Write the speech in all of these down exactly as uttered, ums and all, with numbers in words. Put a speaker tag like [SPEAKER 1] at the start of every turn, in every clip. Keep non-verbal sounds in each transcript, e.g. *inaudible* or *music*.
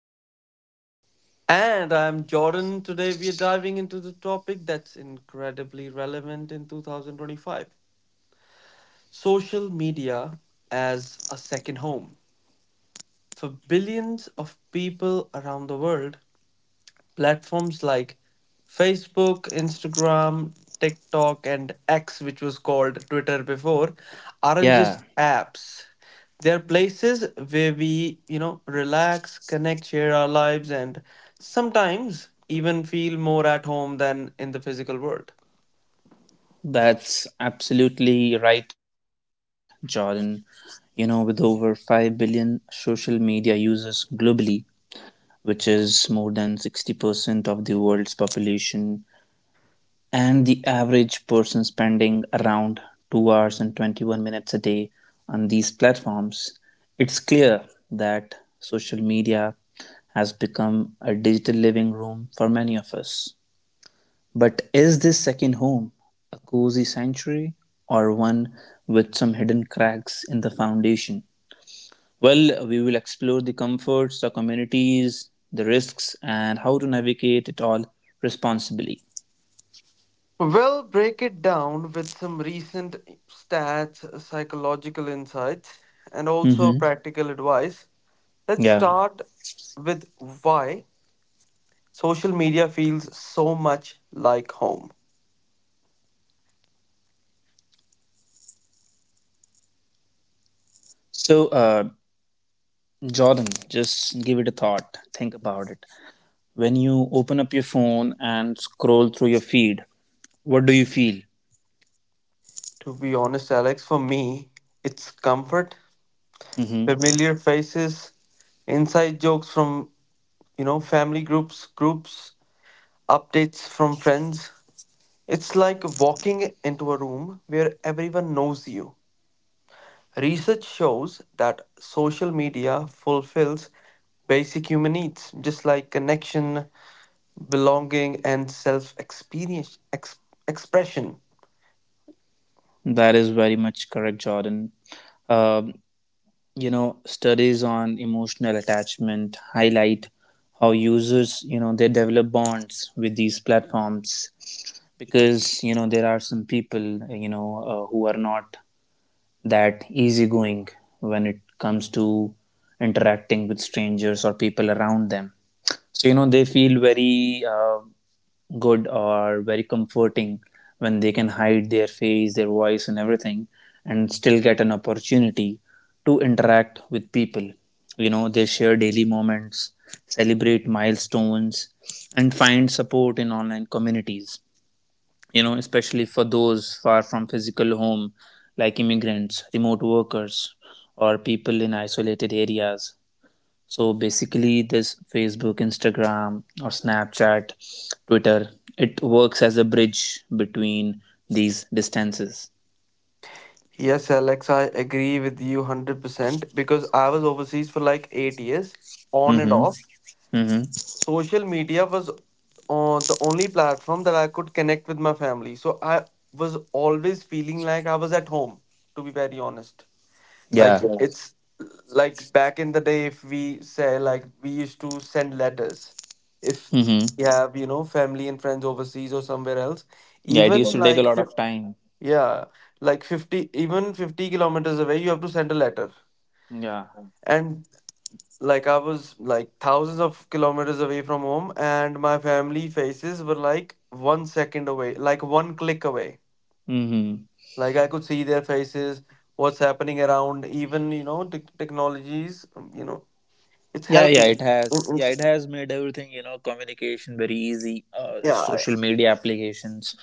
[SPEAKER 1] I'm Alex.
[SPEAKER 2] And I'm Jordan. Today we are diving into the topic that's incredibly relevant in two thousand twenty-five, social media as a second home. For billions of people around the world, platforms like Facebook, Instagram, TikTok, and X, which was called Twitter before, aren't
[SPEAKER 1] Yeah,
[SPEAKER 2] just apps. They're places where we, you know, relax, connect, share our lives, and sometimes even feel more at home than in the physical world.
[SPEAKER 1] that's absolutely right, Jordan. You know, with over five billion social media users globally, which is more than sixty percent of the world's population, and the average person spending around two hours and twenty-one minutes a day on these platforms, it's clear that social media has become a digital living room for many of us. But is this second home a cozy sanctuary or one with some hidden cracks in the foundation? Well, we will explore the comforts, the communities, the risks, and how to navigate it all responsibly.
[SPEAKER 2] Well, break it down with some recent stats, psychological insights, and also
[SPEAKER 1] Mm-hmm.
[SPEAKER 2] practical advice. Let's
[SPEAKER 1] Yeah.
[SPEAKER 2] start with why social media feels so much like home.
[SPEAKER 1] So, uh, Jordan, just give it a thought. Think about it. When you open up your phone and scroll through your feed, what do you feel?
[SPEAKER 2] To be honest, Alex, for me, it's comfort,
[SPEAKER 1] Hmm.
[SPEAKER 2] familiar faces, inside jokes from, you know, family groups, groups, updates from friends. It's like walking into a room where everyone knows you. Research shows that social media fulfills basic human needs, just like connection, belonging, and self experience ex- expression.
[SPEAKER 1] That is very much correct, Jordan. Um, you know, studies on emotional attachment highlight how users, you know, they develop bonds with these platforms, because you know there are some people, you know, uh, who are not that easygoing when it comes to interacting with strangers or people around them. So, you know, they feel very uh, good or very comforting when they can hide their face, their voice, and everything, and still get an opportunity to interact with people. You know, they share daily moments, celebrate milestones, and find support in online communities, you know, especially for those far from physical home, like immigrants, remote workers, or people in isolated areas. So basically, this Facebook, Instagram, or Snapchat, Twitter, it works as a bridge between these distances.
[SPEAKER 2] Yes, Alex, I agree with you one hundred percent because I was overseas for like eight years, on and
[SPEAKER 1] Mm-hmm.
[SPEAKER 2] off.
[SPEAKER 1] Mm-hmm.
[SPEAKER 2] Social media was uh, the only platform that I could connect with my family. So I was always feeling like I was at home, to be very honest. Like
[SPEAKER 1] Yeah.
[SPEAKER 2] yeah, it's like back in the day, if we say like we used to send letters, if we
[SPEAKER 1] Mm-hmm.
[SPEAKER 2] have you know family and friends overseas or somewhere else,
[SPEAKER 1] Yeah, it
[SPEAKER 2] even
[SPEAKER 1] used
[SPEAKER 2] yeah,
[SPEAKER 1] to take a
[SPEAKER 2] like
[SPEAKER 1] lot of
[SPEAKER 2] fif-
[SPEAKER 1] time.
[SPEAKER 2] yeah, like fifty, even fifty kilometers away, you have to send a letter.
[SPEAKER 1] Yeah.
[SPEAKER 2] And like I was like thousands of kilometers away from home, and my family faces were like one second away, like one click away.
[SPEAKER 1] Mm-hmm.
[SPEAKER 2] Like I could see their faces, what's happening around, even you know tech technologies, um, you know it's
[SPEAKER 1] Yeah, yeah,
[SPEAKER 2] helping.
[SPEAKER 1] it
[SPEAKER 2] Mm,
[SPEAKER 1] has. Yeah,
[SPEAKER 2] it's-
[SPEAKER 1] it has made everything, you know, communication, very easy. Uh,
[SPEAKER 2] yeah, yeah.
[SPEAKER 1] social media applications,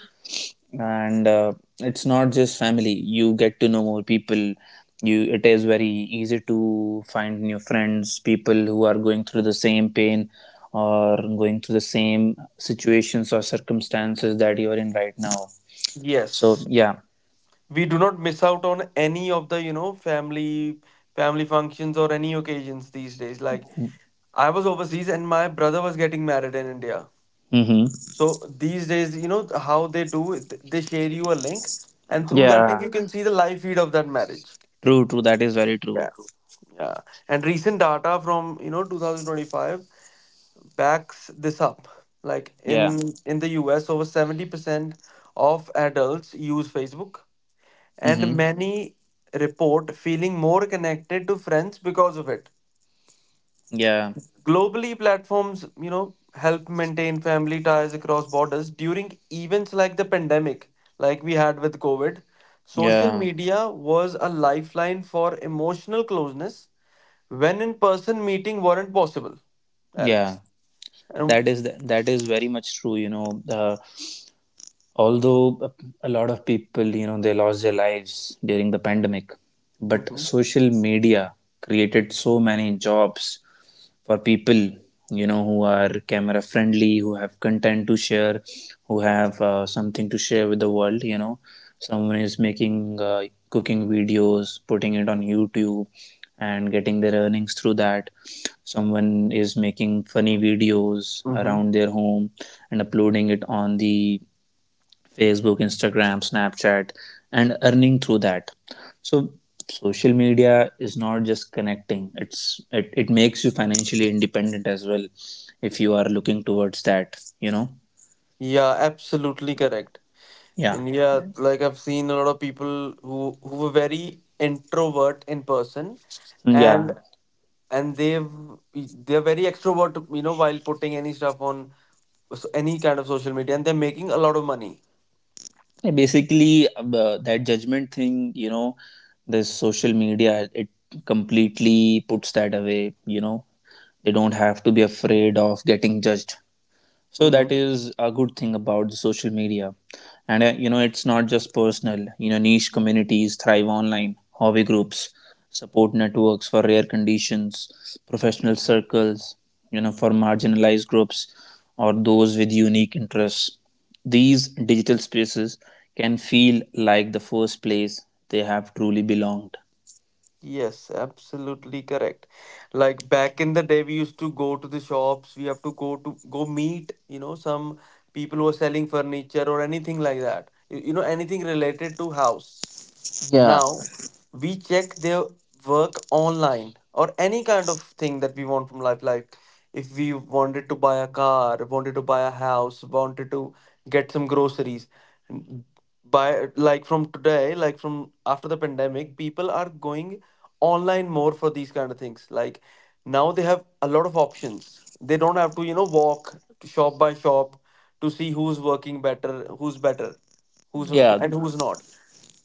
[SPEAKER 1] and uh, it's not just family, you get to know more people. You, it is very easy to find new friends, people who are going through the same pain or going through the same situations or circumstances that you are in right now. So,
[SPEAKER 2] Yes,
[SPEAKER 1] yeah.
[SPEAKER 2] we do not miss out on any of the you know family family functions or any occasions these days. Like I was overseas and my brother was getting married in India.
[SPEAKER 1] Mm-hmm.
[SPEAKER 2] So these days you know how they do it, th- they share you a link, and through that link
[SPEAKER 1] Yeah,
[SPEAKER 2] you can see the live feed of that marriage.
[SPEAKER 1] true, true. That is very true.
[SPEAKER 2] Yeah. Yeah, and recent data from you know twenty twenty-five backs this up. Like
[SPEAKER 1] Yeah.
[SPEAKER 2] in in the US, over seventy percent of adults use Facebook,
[SPEAKER 1] Mm-hmm.
[SPEAKER 2] and many report feeling more connected to friends because of it.
[SPEAKER 1] Yeah,
[SPEAKER 2] Globally, platforms, you know, help maintain family ties across borders during events like the pandemic, like we had with COVID. Social
[SPEAKER 1] yeah,
[SPEAKER 2] media was a lifeline for emotional closeness when in person meeting weren't possible,
[SPEAKER 1] yeah.
[SPEAKER 2] Alex. And
[SPEAKER 1] That is that is very much true, you know uh, although uh, a lot of people, you know they lost their lives during the pandemic, but
[SPEAKER 2] mhm.
[SPEAKER 1] social media created so many jobs for people, you know who are camera friendly, who have content to share, who have uh, something to share with the world. You know someone is making uh, cooking videos, putting it on YouTube and getting their earnings through that. Someone is making funny videos
[SPEAKER 2] Mhm.
[SPEAKER 1] around their home and uploading it on the Facebook, Instagram, Snapchat, and earning through that. So social media is not just connecting; it's it, it makes you financially independent as well, if you are looking towards that. You know,
[SPEAKER 2] Yeah, absolutely correct.
[SPEAKER 1] yeah.
[SPEAKER 2] And yeah, like I've seen a lot of people who who were very introvert in person,
[SPEAKER 1] So,
[SPEAKER 2] and
[SPEAKER 1] yeah.
[SPEAKER 2] and they've they're very extrovert you know while putting any stuff on, so- any kind of social media, and they're making a lot of money.
[SPEAKER 1] Yeah, basically, uh, that judgment thing, you know, this social media, it completely puts that away. You know, they don't have to be afraid of getting judged. So
[SPEAKER 2] Mm-hmm.
[SPEAKER 1] that is a good thing about the social media. And uh, you know, it's not just personal. You know, niche communities thrive online, hobby groups, support networks for rare conditions, professional circles, you know, for marginalized groups or those with unique interests. These digital spaces can feel like the first place they have truly belonged.
[SPEAKER 2] Yes, absolutely correct. Like back in the day we used to go to the shops, we have to go to go meet you know some people who are selling furniture or anything like that, you, you know anything related to house.
[SPEAKER 1] Yeah.
[SPEAKER 2] Now we check their work online, or any kind of thing that we want from life. Like if we wanted to buy a car, wanted to buy a house, wanted to get some groceries. n- Buy like from today, like from after the pandemic, people are going online more for these kind of things. Like now they have a lot of options. They don't have to, you know, walk shop by shop to see who's working better, who's better, who's who-
[SPEAKER 1] Yeah,
[SPEAKER 2] and who's not,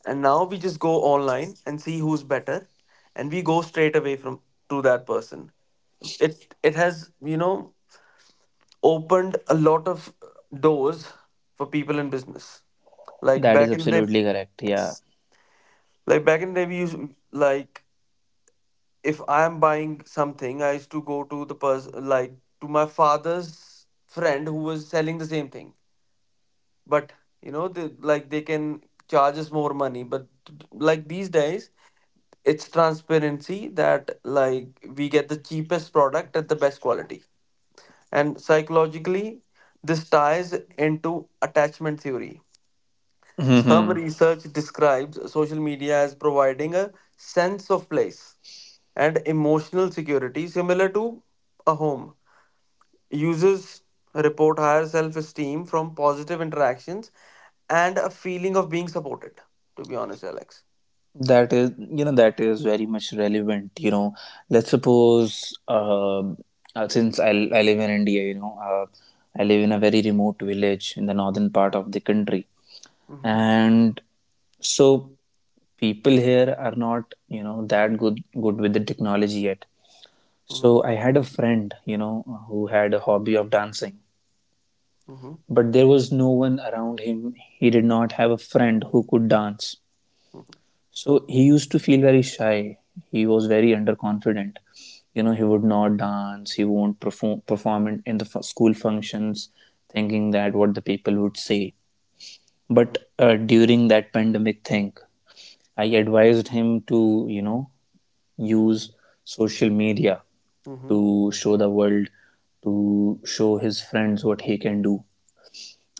[SPEAKER 2] and now we just go online and see who's better, and we go straight away from to that person. it it has you know opened a lot of doors for people in business. Like
[SPEAKER 1] that is
[SPEAKER 2] back in the day,
[SPEAKER 1] absolutely correct. Yeah.
[SPEAKER 2] yes, like back in the day we used, like if I am buying something, I used to go to the person, like to my father's friend who was selling the same thing, but you know they, like they can charge us more money, but like these days it's transparency, that like we get the cheapest product at the best quality. And psychologically, this ties into attachment theory. Some
[SPEAKER 1] *laughs*
[SPEAKER 2] research describes social media as providing a sense of place and emotional security similar to a home. Users report higher self-esteem from positive interactions and a feeling of being supported, to be honest, Alex.
[SPEAKER 1] That is, you know, that is very much relevant. You know, let's suppose, um, uh, since I, I live in India, you know, uh, I live in a very remote village in the northern part of the country,
[SPEAKER 2] Mm-hmm.
[SPEAKER 1] and so people here are not, you know, that good good with the technology yet.
[SPEAKER 2] Mm-hmm.
[SPEAKER 1] So I had a friend, you know, who had a hobby of dancing,
[SPEAKER 2] Mm-hmm.
[SPEAKER 1] but there was no one around him. He did not have a friend who could dance.
[SPEAKER 2] Mm-hmm.
[SPEAKER 1] So he used to feel very shy. He was very underconfident. You know, he would not dance. He won't perform perform in, in the f- school functions, thinking that what the people would say.
[SPEAKER 2] Mm-hmm.
[SPEAKER 1] But uh, during that pandemic thing, I advised him to, you know, use social media
[SPEAKER 2] Mm-hmm.
[SPEAKER 1] to show the world, to show his friends what he can do.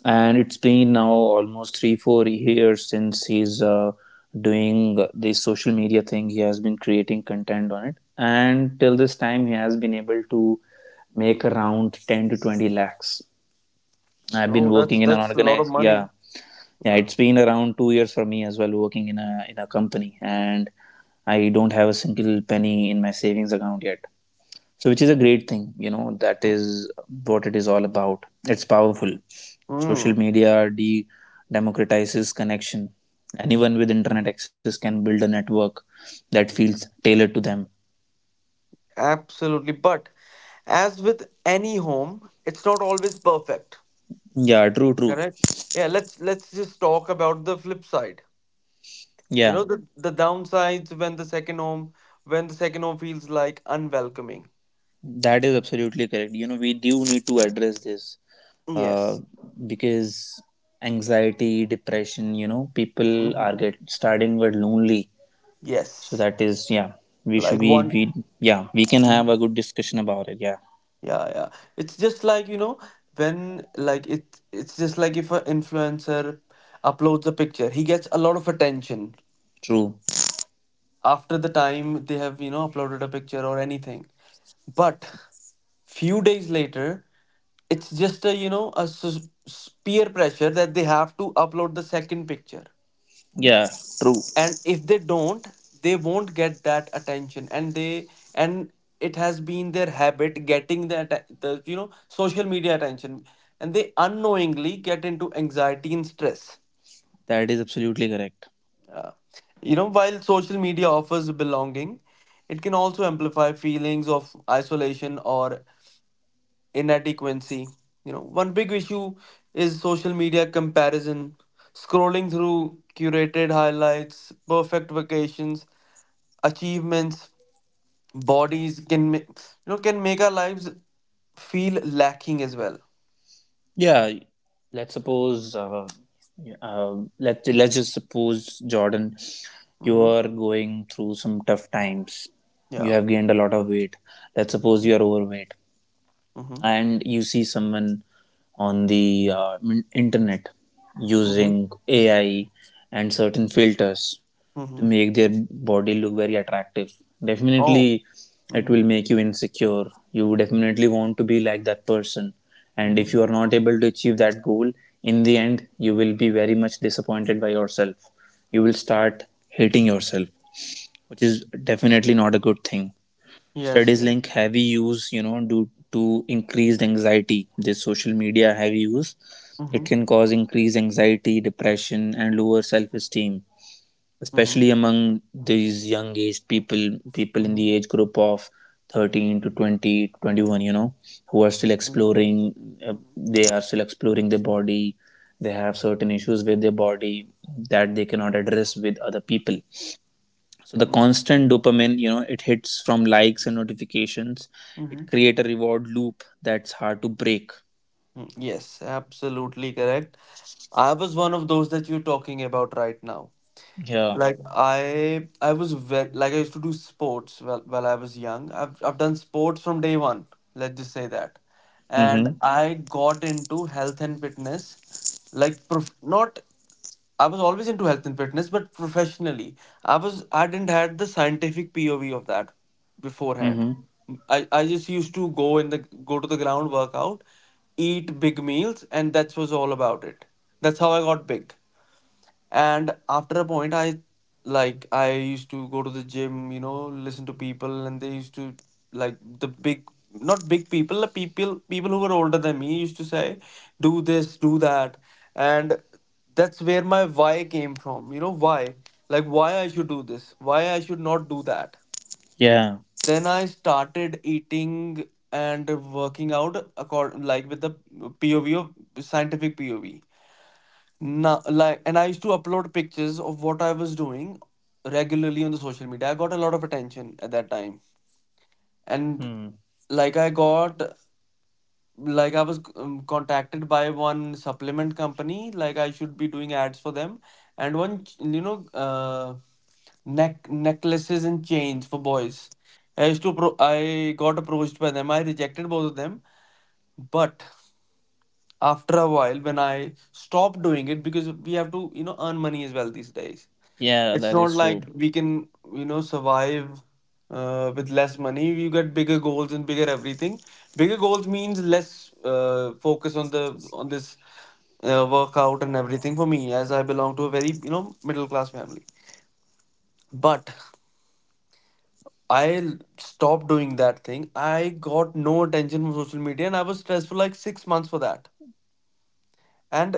[SPEAKER 1] And it's been now almost three four years since he's, uh, doing this social media thing. He has been creating content on it, and till this time he has been able to make around ten to twenty lakhs. I've
[SPEAKER 2] Oh,
[SPEAKER 1] been
[SPEAKER 2] that's
[SPEAKER 1] working in an
[SPEAKER 2] that's a lot of
[SPEAKER 1] organized, yeah.
[SPEAKER 2] money.
[SPEAKER 1] Yeah,
[SPEAKER 2] Yeah.
[SPEAKER 1] it's been around two years for me as well, working in a in a company, and I don't have a single penny in my savings account yet. So which is a great thing, you know, that
[SPEAKER 2] Mm,
[SPEAKER 1] is what it is all about. It's powerful. Social
[SPEAKER 2] mm,
[SPEAKER 1] media de democratizes connection. Anyone with internet access can build a network that feels tailored to them.
[SPEAKER 2] absolutely. But as with any home, it's not always perfect.
[SPEAKER 1] Yeah, true, true.
[SPEAKER 2] Correct? Yeah, let's let's just talk about the flip side. You
[SPEAKER 1] Yeah,
[SPEAKER 2] know, the, the downsides when the second home, when the second home feels like unwelcoming.
[SPEAKER 1] that is absolutely correct. You know, we do need to address this, uh,
[SPEAKER 2] Yes.
[SPEAKER 1] because anxiety, depression, you know, people are
[SPEAKER 2] Hmm.
[SPEAKER 1] get starting with lonely. So
[SPEAKER 2] Yes.
[SPEAKER 1] that is, yeah, we should
[SPEAKER 2] Like
[SPEAKER 1] we,
[SPEAKER 2] one.
[SPEAKER 1] we yeah, we can have a
[SPEAKER 2] Mhm.
[SPEAKER 1] good discussion about it. Yeah.
[SPEAKER 2] Yeah, yeah. It's just like, you know, when, like it it's just like if an influencer uploads a picture, he gets a lot of attention
[SPEAKER 1] True.
[SPEAKER 2] after the time they have you know uploaded a picture or anything, but few days later it's just a you know a s- s- peer pressure that they have to upload the second picture,
[SPEAKER 1] Yeah, true.
[SPEAKER 2] and if they don't, they won't get that attention, and they and it has been their habit getting the, atta- the you know social media attention, and they unknowingly get into anxiety and stress.
[SPEAKER 1] That is absolutely correct.
[SPEAKER 2] Uh, you know, while social media offers belonging, it can also amplify feelings of isolation or inadequacy. You know, one big issue is social media comparison. Scrolling through curated highlights, perfect vacations, achievements, bodies can ma- you know can make our lives feel lacking as well.
[SPEAKER 1] Yeah, let's suppose uh, uh, let let's just suppose, Jordan, you
[SPEAKER 2] Mm-hmm.
[SPEAKER 1] are going through some tough times. You
[SPEAKER 2] Yeah.
[SPEAKER 1] have gained a lot of weight. Let's suppose you are overweight,
[SPEAKER 2] Mm-hmm.
[SPEAKER 1] and you see someone on the uh, min- internet
[SPEAKER 2] Mm-hmm.
[SPEAKER 1] using A I and certain filters to
[SPEAKER 2] Mm-hmm.
[SPEAKER 1] make their body look very attractive.
[SPEAKER 2] Oh.
[SPEAKER 1] Definitely it
[SPEAKER 2] Mm-hmm.
[SPEAKER 1] will make you insecure. You definitely want to be like that person, and if
[SPEAKER 2] Mm-hmm.
[SPEAKER 1] you are not able to achieve that goal, in the end you will be very much disappointed by yourself. You will start hating yourself, which is definitely not a good thing.
[SPEAKER 2] Yes.
[SPEAKER 1] Studies
[SPEAKER 2] Yeah.
[SPEAKER 1] link heavy use, you know, due to increased anxiety. This social media heavy use, it
[SPEAKER 2] Mm-hmm.
[SPEAKER 1] can cause increased anxiety, depression, and lower self esteem,
[SPEAKER 2] Mm-hmm.
[SPEAKER 1] especially among these young aged people, people in the
[SPEAKER 2] Mm-hmm.
[SPEAKER 1] age group of thirteen to twenty, twenty-one, you know, who are still
[SPEAKER 2] Mm-hmm.
[SPEAKER 1] exploring. uh,
[SPEAKER 2] Mhm.
[SPEAKER 1] they are still exploring their body. They have certain issues with their body that they cannot address with other people. So the
[SPEAKER 2] Mm,
[SPEAKER 1] constant dopamine, you know, it hits from likes and notifications. It
[SPEAKER 2] mhm.
[SPEAKER 1] create a reward loop that's hard to break.
[SPEAKER 2] Mm, yes, absolutely correct. I was one of those that you're talking about right now.
[SPEAKER 1] Yeah.
[SPEAKER 2] Like I I was ve like I used to do sports while, while I was young. I've I've done sports from day one, let's just say that. And
[SPEAKER 1] Mm-hmm.
[SPEAKER 2] mhm, I got into health and fitness, like prof- not, I was always into health and fitness, but professionally, I was I didn't had the scientific P O V of that beforehand.
[SPEAKER 1] Mm-hmm.
[SPEAKER 2] I, I just used to go in the go to the ground workout, eat big meals, and that was all about it. That's how I got big. And after a point I, like I used to go to the gym, you know listen to people, and they used to, like the big, not big people, the people people who were older than me used to say do this do that. And that's where my why came from, you know, why, like why I should do this, why I should not do that.
[SPEAKER 1] Yeah.
[SPEAKER 2] Then I started eating and working out according like with the P O V of scientific P O V. Now, like, and I used to upload pictures of what I was doing regularly on the social media. I got a lot of attention at that time, and
[SPEAKER 1] Mm.
[SPEAKER 2] like I got, like I was um, contacted by one supplement company, like I should be doing ads for them, and one ch- you know uh, neck necklaces and chains for boys. I used to pro- I got approached by them. I rejected both of them, but after a while, when I stopped doing it, because we have to you know earn money as well these days.
[SPEAKER 1] Yeah,
[SPEAKER 2] It's
[SPEAKER 1] that
[SPEAKER 2] not
[SPEAKER 1] is
[SPEAKER 2] like
[SPEAKER 1] true.
[SPEAKER 2] we can, you know, survive uh, with less money. You get bigger goals and bigger everything. Bigger goals means less uh, focus on the on this uh, workout and everything for me, as I belong to a very, you know, middle class family. But I l- stopped doing that thing. I got no attention from social media, and I was stressed for like six months for that. And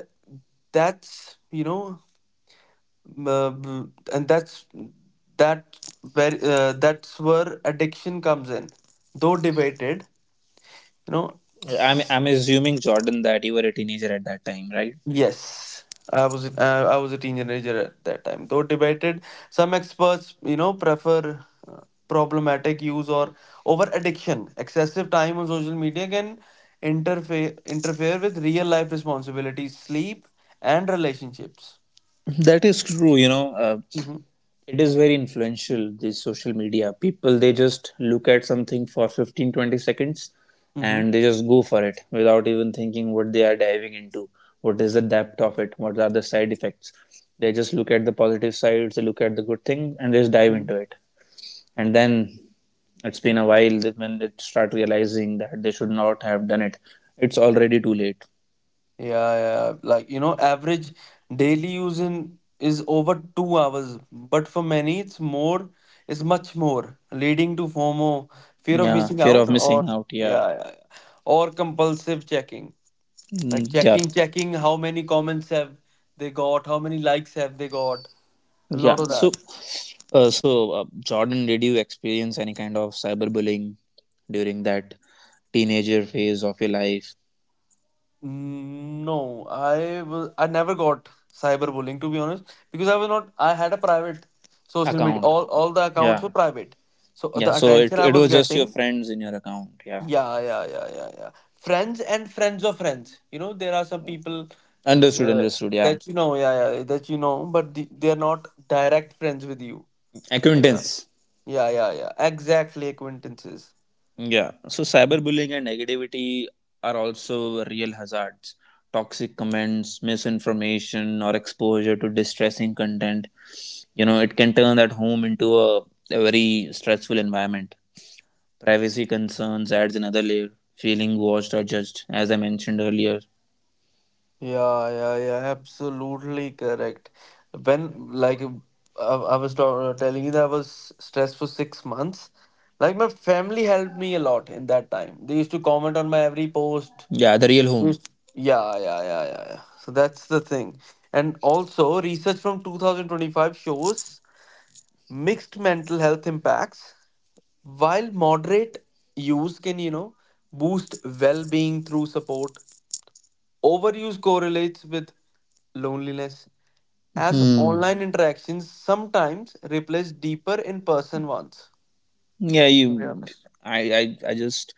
[SPEAKER 2] that's, you know, uh, b- and that's that where uh, that's where addiction comes in, though debated you know
[SPEAKER 1] I'm
[SPEAKER 2] s-
[SPEAKER 1] I'm assuming, Jordan, that you were a teenager at that time, right?
[SPEAKER 2] yes, I was a- uh, I was a teenager at that time, though debated, some experts you know prefer uh, problematic use or over addiction. Excessive time on social media can interfere interfere with real life responsibilities, sleep, and relationships.
[SPEAKER 1] That is true. You know, uh,
[SPEAKER 2] Mm-hmm.
[SPEAKER 1] it is very influential. This social media, people, they just look at something for fifteen twenty seconds,
[SPEAKER 2] Mm-hmm.
[SPEAKER 1] and they just go for it without even thinking what they are diving into, what is the depth of it, what are the side effects. They just look at the positive sides, they look at the good thing, and they just dive
[SPEAKER 2] Mm-hmm.
[SPEAKER 1] into it. And then it's been a while that when they start realizing that they should not have done it. It's already too late.
[SPEAKER 2] Yeah, yeah, like you know, average daily use in is over two hours, but for many it's more, it's much more, leading to FOMO, fear of
[SPEAKER 1] Yeah,
[SPEAKER 2] missing
[SPEAKER 1] fear of
[SPEAKER 2] out, or
[SPEAKER 1] missing out, yeah.
[SPEAKER 2] yeah, yeah, yeah, or compulsive checking, like
[SPEAKER 1] Mm, yeah.
[SPEAKER 2] checking, checking how many comments have they got, how many likes have they got, a
[SPEAKER 1] Yeah,
[SPEAKER 2] lot of
[SPEAKER 1] so
[SPEAKER 2] that.
[SPEAKER 1] uh, so uh, Jordan, did you experience any kind of cyberbullying during that teenager phase of your life?
[SPEAKER 2] Mm, no, I was I never got cyberbullying, to be honest, because I was not, I had a private social media,
[SPEAKER 1] Account.
[SPEAKER 2] all all the accounts
[SPEAKER 1] Yeah.
[SPEAKER 2] were private, so uh,
[SPEAKER 1] Yeah,
[SPEAKER 2] the
[SPEAKER 1] so it,
[SPEAKER 2] attention I
[SPEAKER 1] it
[SPEAKER 2] was
[SPEAKER 1] was just
[SPEAKER 2] getting,
[SPEAKER 1] your friends in your account, yeah.
[SPEAKER 2] yeah yeah yeah yeah yeah, friends and friends of friends, you know there are some people,
[SPEAKER 1] Understood,
[SPEAKER 2] uh,
[SPEAKER 1] understood. Yeah.
[SPEAKER 2] that you know, yeah yeah, that you know but the, they are not direct friends with you, yeah
[SPEAKER 1] Acquaintance.
[SPEAKER 2] yeah yeah yeah, exactly, acquaintances.
[SPEAKER 1] Yeah, so cyberbullying and negativity are also real hazards. Toxic comments, misinformation, or exposure to distressing content, you know, it can turn that home into a, a very stressful environment. Privacy concerns adds another layer, feeling watched or judged, as I mentioned earlier.
[SPEAKER 2] Yeah, yeah, yeah, absolutely correct. When, like, I, I was ta- uh, telling you that I was stressed for six months, like, my family helped me a lot in that time. They used to comment on my every post.
[SPEAKER 1] Yeah, the real home.
[SPEAKER 2] Used- Yeah, yeah, yeah, yeah, yeah. So that's the thing. And also, research from two thousand twenty-five shows mixed mental health impacts. While moderate use can, you know, boost well-being through support, overuse correlates with loneliness as
[SPEAKER 1] Hmm.
[SPEAKER 2] online interactions sometimes replace deeper in-person ones.
[SPEAKER 1] Yeah,
[SPEAKER 2] To be
[SPEAKER 1] you —
[SPEAKER 2] honest.
[SPEAKER 1] i i, I just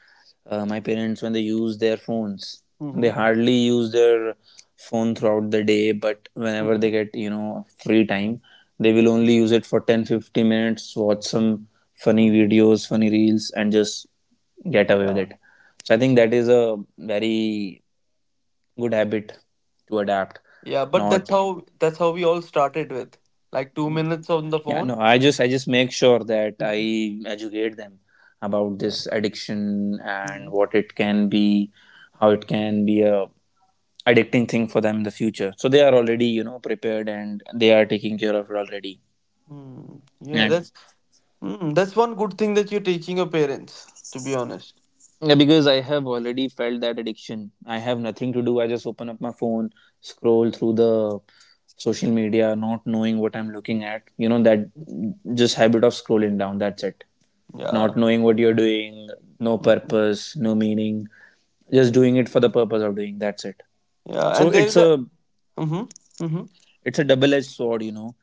[SPEAKER 1] uh, my parents, when they use their phones, they
[SPEAKER 2] Mm-hmm.
[SPEAKER 1] hardly use their phone throughout the day, but whenever
[SPEAKER 2] Mm-hmm.
[SPEAKER 1] they get, you know, free time, they will only use it for ten, fifteen minutes, watch some funny
[SPEAKER 2] Mm-hmm.
[SPEAKER 1] videos, funny reels, and just get away with
[SPEAKER 2] Yeah.
[SPEAKER 1] it. So I think that is a very good habit to adapt.
[SPEAKER 2] Yeah, but that's
[SPEAKER 1] Not.
[SPEAKER 2] how that's how we all started with like two minutes on the
[SPEAKER 1] Yeah, no,
[SPEAKER 2] phone.
[SPEAKER 1] I just I just make sure that
[SPEAKER 2] Mhm.
[SPEAKER 1] I educate them about
[SPEAKER 2] Yeah.
[SPEAKER 1] this addiction and
[SPEAKER 2] Mm-hmm.
[SPEAKER 1] what it can be, how it can be a addicting thing for them in the future. So they are already, you know, prepared and they are taking care of it already.
[SPEAKER 2] Mm. Yeah,
[SPEAKER 1] And
[SPEAKER 2] that's mm, that's one good thing that you're teaching your parents. To be honest.
[SPEAKER 1] yeah, because I have already felt that addiction. I have nothing to do. I just open up my phone, scroll through the social media, not knowing what I'm looking at. You know, that just habit of scrolling down. That's it.
[SPEAKER 2] Yeah.
[SPEAKER 1] Not knowing what you're doing, no
[SPEAKER 2] Mhm.
[SPEAKER 1] purpose, no meaning. Just doing it for the purpose of doing. That's it.
[SPEAKER 2] Yeah,
[SPEAKER 1] So
[SPEAKER 2] and there is
[SPEAKER 1] it's
[SPEAKER 2] a.
[SPEAKER 1] a
[SPEAKER 2] Mm-hmm. Mm-hmm.
[SPEAKER 1] it's a double-edged sword. You know,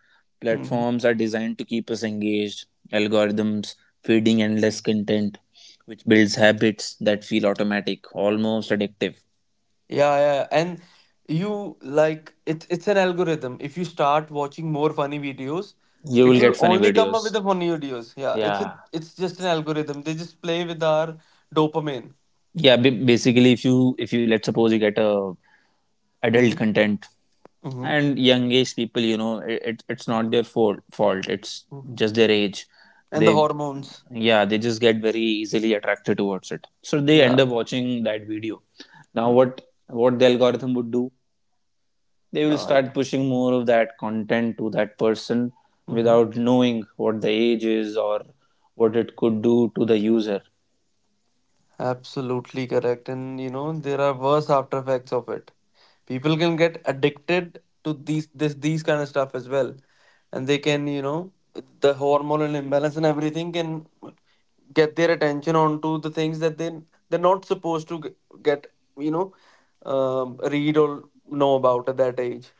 [SPEAKER 2] Mm-hmm.
[SPEAKER 1] platforms are designed to keep us engaged. Algorithms feeding endless content, which builds habits that feel automatic, almost addictive.
[SPEAKER 2] Yeah, yeah, yeah. And you like it's it's an algorithm. If you start watching more funny videos,
[SPEAKER 1] You
[SPEAKER 2] it
[SPEAKER 1] will
[SPEAKER 2] will
[SPEAKER 1] get funny
[SPEAKER 2] only come up
[SPEAKER 1] videos.
[SPEAKER 2] with the funny videos. Yeah, it's a
[SPEAKER 1] Yeah,
[SPEAKER 2] it's just an algorithm. They just play with our dopamine.
[SPEAKER 1] yeah, b- basically if you if you let's suppose you get a adult
[SPEAKER 2] Mm-hmm.
[SPEAKER 1] content
[SPEAKER 2] Mm-hmm.
[SPEAKER 1] and young age people, you know it, it it's not their fault fault it's
[SPEAKER 2] Mm-hmm.
[SPEAKER 1] just their age.
[SPEAKER 2] And
[SPEAKER 1] they
[SPEAKER 2] the hormones.
[SPEAKER 1] yeah they just get very easily attracted towards it, so they end
[SPEAKER 2] Yeah.
[SPEAKER 1] up watching that video. Now
[SPEAKER 2] Mm.
[SPEAKER 1] what what the algorithm would do, they will
[SPEAKER 2] Oh,
[SPEAKER 1] start
[SPEAKER 2] yeah.
[SPEAKER 1] pushing more of that content to that person
[SPEAKER 2] Mhm.
[SPEAKER 1] without knowing what the age is or what it could do to the user.
[SPEAKER 2] Absolutely correct. And you know, there are worse after effects of it. People can get addicted to these this these kind of stuff as well. And they can, you know, the hormonal imbalance and everything can get their attention onto the things that they they're not supposed to g- get, you know, um, read or know about at that age.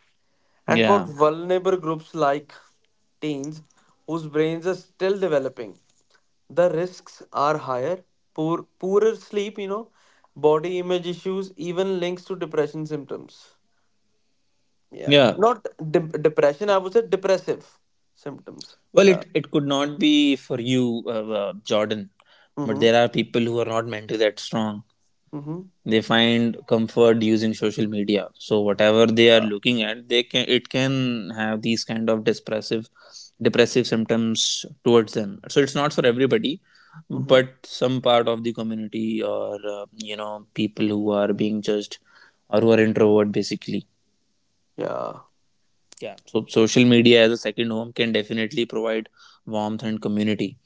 [SPEAKER 2] And for
[SPEAKER 1] Yeah.
[SPEAKER 2] vulnerable groups like teens whose brains are still developing, the risks are higher. poor Poorer sleep, you know, body image issues, even links to depression symptoms. Yeah,
[SPEAKER 1] Yeah.
[SPEAKER 2] not de- depression I would say depressive symptoms.
[SPEAKER 1] Well,
[SPEAKER 2] Yeah.
[SPEAKER 1] it, it could not be for you, uh, uh, Jordan, but
[SPEAKER 2] Mm-hmm.
[SPEAKER 1] there are people who are not mentally that strong.
[SPEAKER 2] Mm-hmm.
[SPEAKER 1] They find comfort using social media. So whatever they are
[SPEAKER 2] uh,
[SPEAKER 1] looking at, they can it can have these kind of depressive depressive symptoms towards them. So it's not for everybody,
[SPEAKER 2] mm-hmm.
[SPEAKER 1] but some part of the community, or uh, you know, people who are being judged or who are introvert basically.
[SPEAKER 2] Yeah.
[SPEAKER 1] Yeah, so social media as a second home can definitely provide warmth and community,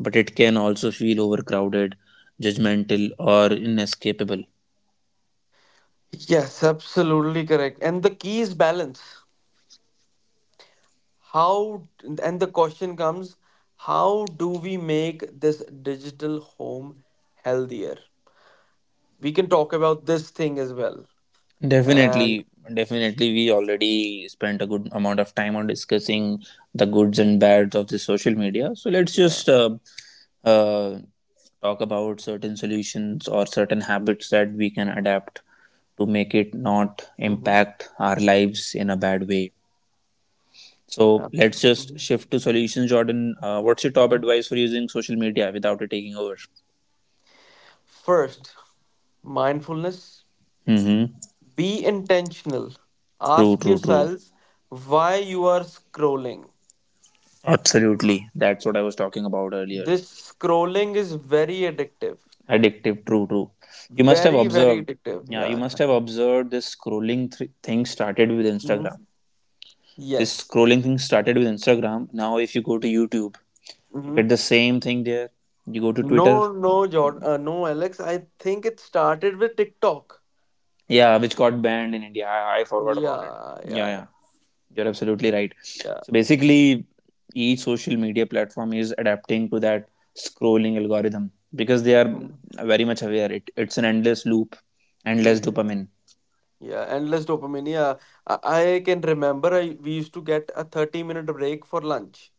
[SPEAKER 1] but it can also feel overcrowded, judgmental, or inescapable.
[SPEAKER 2] Yes, absolutely correct. And the key is balance. How, and the question comes, how do we make this digital home healthier? We can talk about this thing as well. And
[SPEAKER 1] Definitely, definitely, we already spent a good amount of time on discussing the goods and bads of the social media. So let's
[SPEAKER 2] yeah.
[SPEAKER 1] just uh, uh, talk about certain solutions or certain habits that we can adapt to make it not
[SPEAKER 2] Mhm.
[SPEAKER 1] impact our lives in a bad way. So
[SPEAKER 2] Ab-
[SPEAKER 1] let's just
[SPEAKER 2] mhm,
[SPEAKER 1] shift to solutions, Jordan. Uh, what's your top
[SPEAKER 2] mhm.
[SPEAKER 1] advice for using social media without it taking over?
[SPEAKER 2] First, mindfulness.
[SPEAKER 1] Mm-hmm.
[SPEAKER 2] Be intentional.
[SPEAKER 1] True,
[SPEAKER 2] Ask
[SPEAKER 1] true, true.
[SPEAKER 2] yourselves why you are scrolling.
[SPEAKER 1] Absolutely. That's what I was talking about earlier.
[SPEAKER 2] This scrolling is very addictive.
[SPEAKER 1] Addictive, true, true. You must have
[SPEAKER 2] Very, very
[SPEAKER 1] observed,
[SPEAKER 2] addictive.
[SPEAKER 1] yeah, you must
[SPEAKER 2] Yeah.
[SPEAKER 1] have observed this scrolling th- thing started with Instagram.
[SPEAKER 2] Mhm.
[SPEAKER 1] This
[SPEAKER 2] Yes.
[SPEAKER 1] scrolling thing started with Instagram. Now, if you go to YouTube, you
[SPEAKER 2] Hmm.
[SPEAKER 1] get the same thing there. You go to Twitter,
[SPEAKER 2] No, no, Jordan, uh, no, Alex. I think it started with TikTok.
[SPEAKER 1] yeah, which got banned in India. I, I forgot about it.
[SPEAKER 2] Yeah,
[SPEAKER 1] Yeah,
[SPEAKER 2] yeah,
[SPEAKER 1] yeah. You're absolutely right.
[SPEAKER 2] yeah.
[SPEAKER 1] So basically, each social media platform is adapting to that scrolling algorithm because they are very much aware it, it's an endless loop, endless
[SPEAKER 2] Mm-hmm.
[SPEAKER 1] dopamine.
[SPEAKER 2] Yeah, endless dopamine. Yeah, I, I can remember I we used to get a thirty minute break for lunch.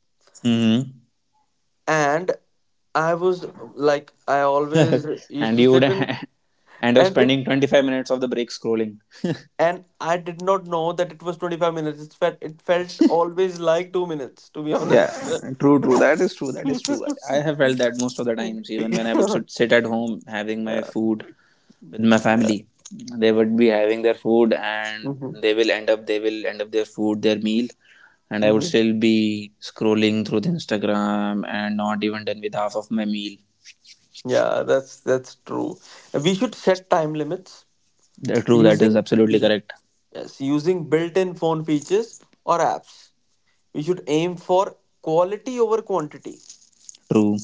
[SPEAKER 1] Mm-hmm.
[SPEAKER 2] And I was like I always
[SPEAKER 1] *laughs*
[SPEAKER 2] used
[SPEAKER 1] And
[SPEAKER 2] to
[SPEAKER 1] you would
[SPEAKER 2] sit in.
[SPEAKER 1] *laughs* end up
[SPEAKER 2] And it,
[SPEAKER 1] spending twenty-five minutes of the break scrolling. *laughs*
[SPEAKER 2] and I did not know that it was twenty-five minutes. It felt it felt always like two minutes, to be
[SPEAKER 1] Yeah,
[SPEAKER 2] honest. *laughs* Yeah.
[SPEAKER 1] true, true. That is true. That is true. I I have felt that most of the times, even when I would sit sit at home having my food with my
[SPEAKER 2] Yeah.
[SPEAKER 1] family, they would be having their food, and
[SPEAKER 2] Hmm.
[SPEAKER 1] they will end up they will end up their food their meal, and I would
[SPEAKER 2] Hmm.
[SPEAKER 1] still be scrolling through the Instagram and not even done with half of my meal.
[SPEAKER 2] Yeah, that's that's true. We should set time limits
[SPEAKER 1] Th- true, that
[SPEAKER 2] using
[SPEAKER 1] is absolutely
[SPEAKER 2] y-
[SPEAKER 1] correct.
[SPEAKER 2] yes, using built-in phone features or apps. We should aim for quality over quantity.
[SPEAKER 1] True,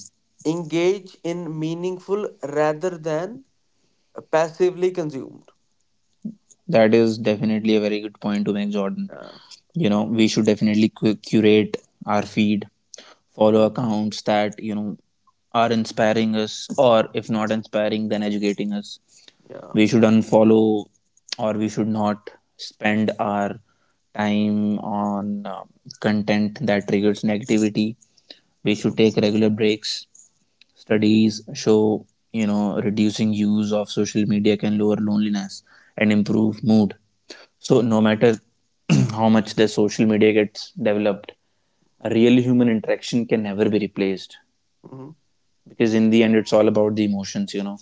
[SPEAKER 2] Engage in meaningful rather than passively consumed.
[SPEAKER 1] that is definitely a very good point to make, Jordan.
[SPEAKER 2] Yeah.
[SPEAKER 1] You know, we should definitely cu- curate our feed, follow
[SPEAKER 2] Mm.
[SPEAKER 1] accounts that, you know, are inspiring us, or if not inspiring then educating us.
[SPEAKER 2] Yeah.
[SPEAKER 1] We should unfollow, or we should not spend our time on uh, content that triggers negativity. We should take
[SPEAKER 2] Mhm,
[SPEAKER 1] regular breaks. Studies show, you know, reducing use of social media can lower loneliness and improve mood. So no matter *clears throat* how
[SPEAKER 2] mhm,
[SPEAKER 1] much the social media gets developed, a real human interaction can never be replaced,
[SPEAKER 2] mhm.
[SPEAKER 1] because in the end it's all about the emotions, you know.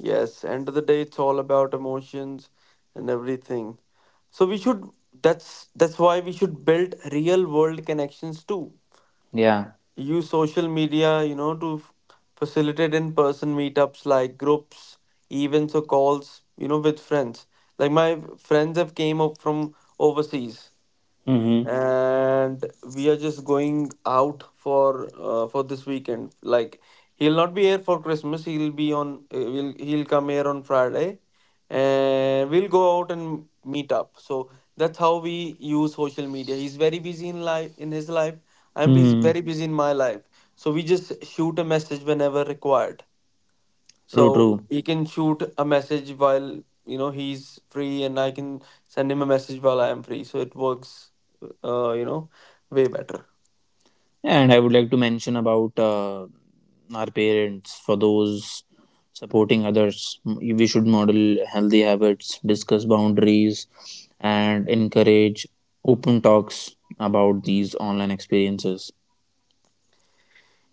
[SPEAKER 2] Yes. End of the day, it's all about emotions and everything. So we should. That's that's why we should build real world connections too.
[SPEAKER 1] Yeah.
[SPEAKER 2] Use social media, you know, to f- facilitate in person meetups like groups, events or calls, you know, with friends. Like my friends have came up from overseas
[SPEAKER 1] Mm-hmm.
[SPEAKER 2] and we are just going out for uh, for this weekend. Like, he'll not be here for Christmas. He'll be on uh, will he'll come here on Friday and we'll go out and meet up. So that's how we use social media. He's very busy in life, in his life. I'm busy,
[SPEAKER 1] Hmm.
[SPEAKER 2] very busy in my life. So we just shoot a message whenever required.
[SPEAKER 1] True,
[SPEAKER 2] So
[SPEAKER 1] true.
[SPEAKER 2] he can shoot a message while, you know, he's free, and I can send him a message while I am free. So it works, uh, you know, way better.
[SPEAKER 1] And I would like to mention about uh, our parents, for those supporting others. We should model healthy habits, discuss boundaries, and encourage open talks about these online experiences.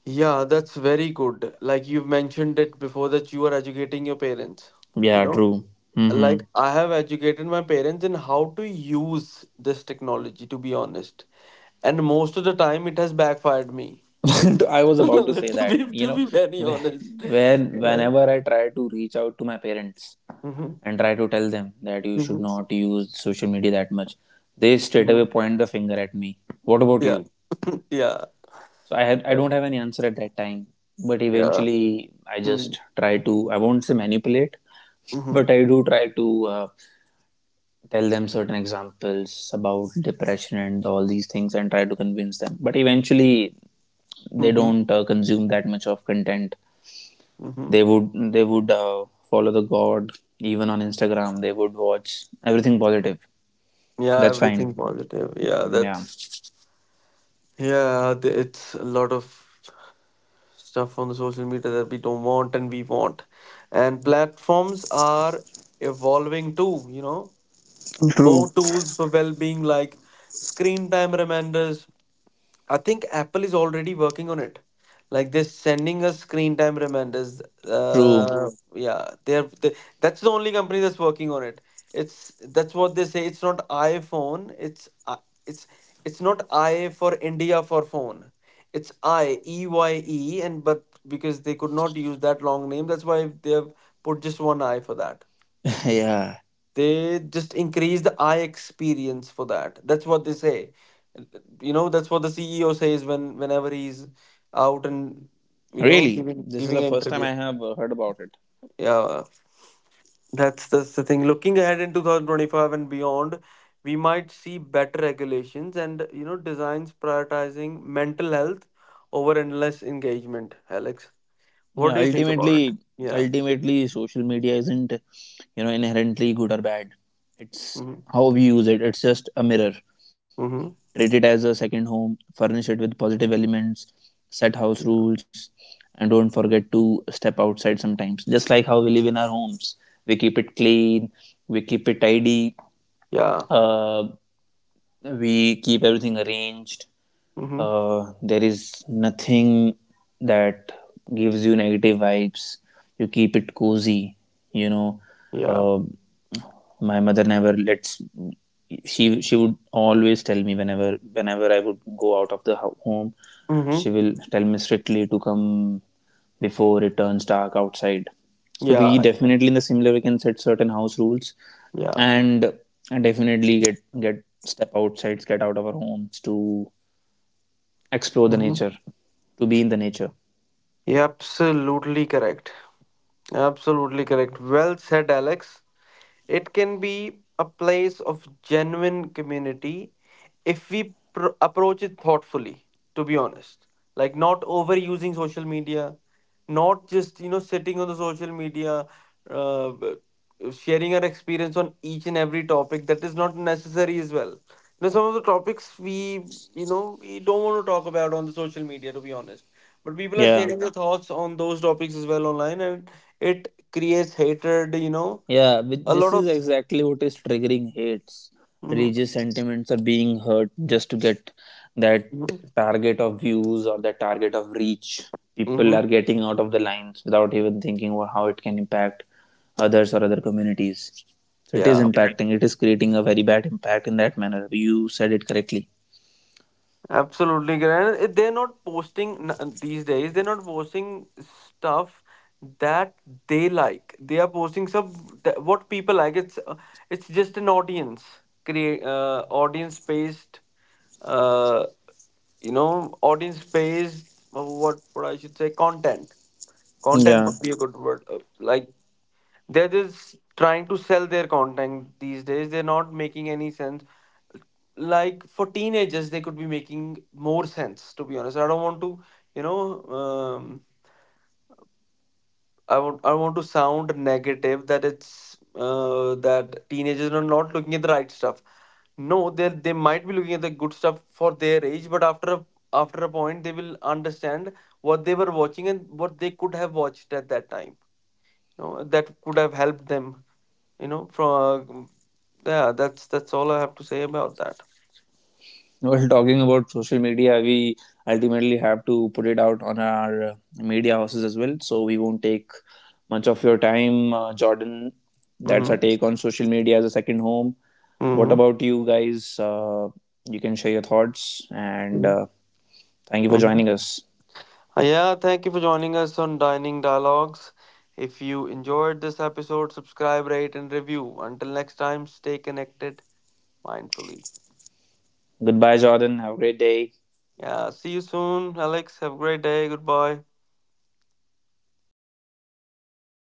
[SPEAKER 2] Yeah, that's very good. Like you've mentioned it before that you are educating your parents. You
[SPEAKER 1] Yeah,
[SPEAKER 2] know,
[SPEAKER 1] true. Hmm.
[SPEAKER 2] like I have educated my parents in how to use this technology, to be honest. And most of the time it has backfired me.
[SPEAKER 1] *laughs* I
[SPEAKER 2] *laughs*
[SPEAKER 1] was about to say
[SPEAKER 2] to
[SPEAKER 1] that,
[SPEAKER 2] be
[SPEAKER 1] you
[SPEAKER 2] to
[SPEAKER 1] know,
[SPEAKER 2] be very honest. *laughs*
[SPEAKER 1] when
[SPEAKER 2] Like,
[SPEAKER 1] whenever I try to reach out to my parents
[SPEAKER 2] hmm.
[SPEAKER 1] and try to tell them that you should
[SPEAKER 2] Hmm.
[SPEAKER 1] not use social media that much, they straight
[SPEAKER 2] Hmm.
[SPEAKER 1] away point the finger at me. What about
[SPEAKER 2] Yeah.
[SPEAKER 1] you?
[SPEAKER 2] *laughs* Yeah.
[SPEAKER 1] So I had I don't have any answer at that time. But
[SPEAKER 2] Yeah.
[SPEAKER 1] eventually, I
[SPEAKER 2] Mm-hmm.
[SPEAKER 1] just try to, I won't say manipulate, but I do try to uh, tell them certain examples about depression and all these things, and try to convince them. But eventually, they
[SPEAKER 2] Mm-hmm.
[SPEAKER 1] don't uh, consume that much of content.
[SPEAKER 2] Mm-hmm.
[SPEAKER 1] They would they would uh, follow the god even on Instagram. They would watch everything positive. So
[SPEAKER 2] Yeah,
[SPEAKER 1] that's
[SPEAKER 2] everything
[SPEAKER 1] fine.
[SPEAKER 2] positive. Yeah,
[SPEAKER 1] Yeah.
[SPEAKER 2] that's yeah, th- it's a lot of stuff on the social media that we don't want and we want. And platforms are evolving too, you know.
[SPEAKER 1] True.
[SPEAKER 2] More tools for well-being like screen time reminders. I think Apple is already working on it. Like they're sending us screen time reminders.
[SPEAKER 1] True. *laughs*
[SPEAKER 2] Uh, yeah, they're they, that's the only company that's working on it. It's, that's what they say. It's not iPhone. It's I- it's it's not I for India for phone. It's I E Y E and, but because they could not use that long name, that's why they have put just one I for that.
[SPEAKER 1] Yeah.
[SPEAKER 2] They just increase the eye experience for that. That's what they say, you know. That's what the CEO says when, whenever he's out and, you know,
[SPEAKER 1] Really,
[SPEAKER 2] giving
[SPEAKER 1] this is
[SPEAKER 2] giving
[SPEAKER 1] the
[SPEAKER 2] an
[SPEAKER 1] first time
[SPEAKER 2] interview.
[SPEAKER 1] I have uh, heard about it.
[SPEAKER 2] Yeah, that's that's the thing. Looking ahead in twenty twenty-five and beyond, we might see better regulations and, you know, designs prioritizing mental health over endless engagement. Alex, what
[SPEAKER 1] Yeah,
[SPEAKER 2] do you think about it?
[SPEAKER 1] ultimately,
[SPEAKER 2] Yeah.
[SPEAKER 1] ultimately, social media isn't, you know, inherently good or bad. It's
[SPEAKER 2] Mm-hmm.
[SPEAKER 1] how we use it. It's just a mirror.
[SPEAKER 2] Mm-hmm.
[SPEAKER 1] Treat it as a second home, furnish it with positive elements, set house
[SPEAKER 2] Yeah.
[SPEAKER 1] rules, and don't forget to step outside sometimes. Just like how we live in our homes, we keep it clean, we keep it tidy, uh, we keep everything arranged.
[SPEAKER 2] Mm-hmm.
[SPEAKER 1] Uh, there is nothing that gives you negative vibes. You keep it cozy, you know.
[SPEAKER 2] Yeah.
[SPEAKER 1] uh, my mother never lets, she she would always tell me, whenever whenever I would go out of the home,
[SPEAKER 2] Mm-hmm.
[SPEAKER 1] she will tell me strictly to come before it turns dark outside. So we
[SPEAKER 2] Yeah.
[SPEAKER 1] definitely in the similar way can set certain house rules,
[SPEAKER 2] Yeah.
[SPEAKER 1] and and definitely get get step outside, get out of our homes, to explore the
[SPEAKER 2] Mhm.
[SPEAKER 1] nature, to be in the nature.
[SPEAKER 2] Absolutely correct. Absolutely correct. Well said, Alex. It can be a place of genuine community if we pr- approach it thoughtfully, to be honest. Like, not overusing social media, not just, you know, sitting on the social media. Uh. Sharing our experience on each and every topic that is not necessary as well. You know, some of the topics we, you know, we don't want to talk about on the social media, to be honest. But people are
[SPEAKER 1] Yeah.
[SPEAKER 2] sharing their thoughts on those topics as well online, and it creates hatred. You know,
[SPEAKER 1] Yeah, but
[SPEAKER 2] a
[SPEAKER 1] this
[SPEAKER 2] lot of.
[SPEAKER 1] is exactly what is triggering hates.
[SPEAKER 2] Hmm.
[SPEAKER 1] Religious sentiments are being hurt just to get that
[SPEAKER 2] Hmm.
[SPEAKER 1] target of views or that target of reach. People
[SPEAKER 2] Hmm.
[SPEAKER 1] are getting out of the lines without even thinking wha- how it can impact others or other communities. So it is
[SPEAKER 2] Yeah.
[SPEAKER 1] impacting, it is creating a very bad impact in that manner. You said it correctly.
[SPEAKER 2] Absolutely correct. And they're not posting n- uh, these days. They're not posting stuff that they like. They are posting some that, what people like. It's uh, it's just an audience create uh, audience based, uh you know, audience based, uh, what what I should say, content. Content
[SPEAKER 1] Yeah.
[SPEAKER 2] would be a good word. Uh, Like they're just trying to sell their content these days. They're not making any sense. Like for teenagers they could be making more sense, to be honest. I don't want to, you know, um, i want i want to sound negative that it's uh, that teenagers are not looking at the right stuff. No, they they might be looking at the good stuff for their age, but after a, after a point they will understand what they were watching and what they could have watched at that time, you know, that could have helped them, you know, from. Yeah, that's that's all I have to say about that.
[SPEAKER 1] While talking about social media, we ultimately have to put it out on our uh, media houses as well. So we won't take much of your time, uh, Jordan. That's
[SPEAKER 2] Mm-hmm.
[SPEAKER 1] our take on social media as a second home. What
[SPEAKER 2] Mm-hmm.
[SPEAKER 1] about you guys? Uh, you can share your thoughts, and
[SPEAKER 2] Mm-hmm.
[SPEAKER 1] uh, thank you for
[SPEAKER 2] Mm-hmm.
[SPEAKER 1] joining us.
[SPEAKER 2] Uh, Yeah, thank you for joining us on Dining Dialogues. If you enjoyed this episode, subscribe, rate, and review. Until next time, stay connected mindfully.
[SPEAKER 1] Goodbye, Jordan. Have a great day.
[SPEAKER 2] Yeah, see you soon, Alex. Have a great day. Goodbye.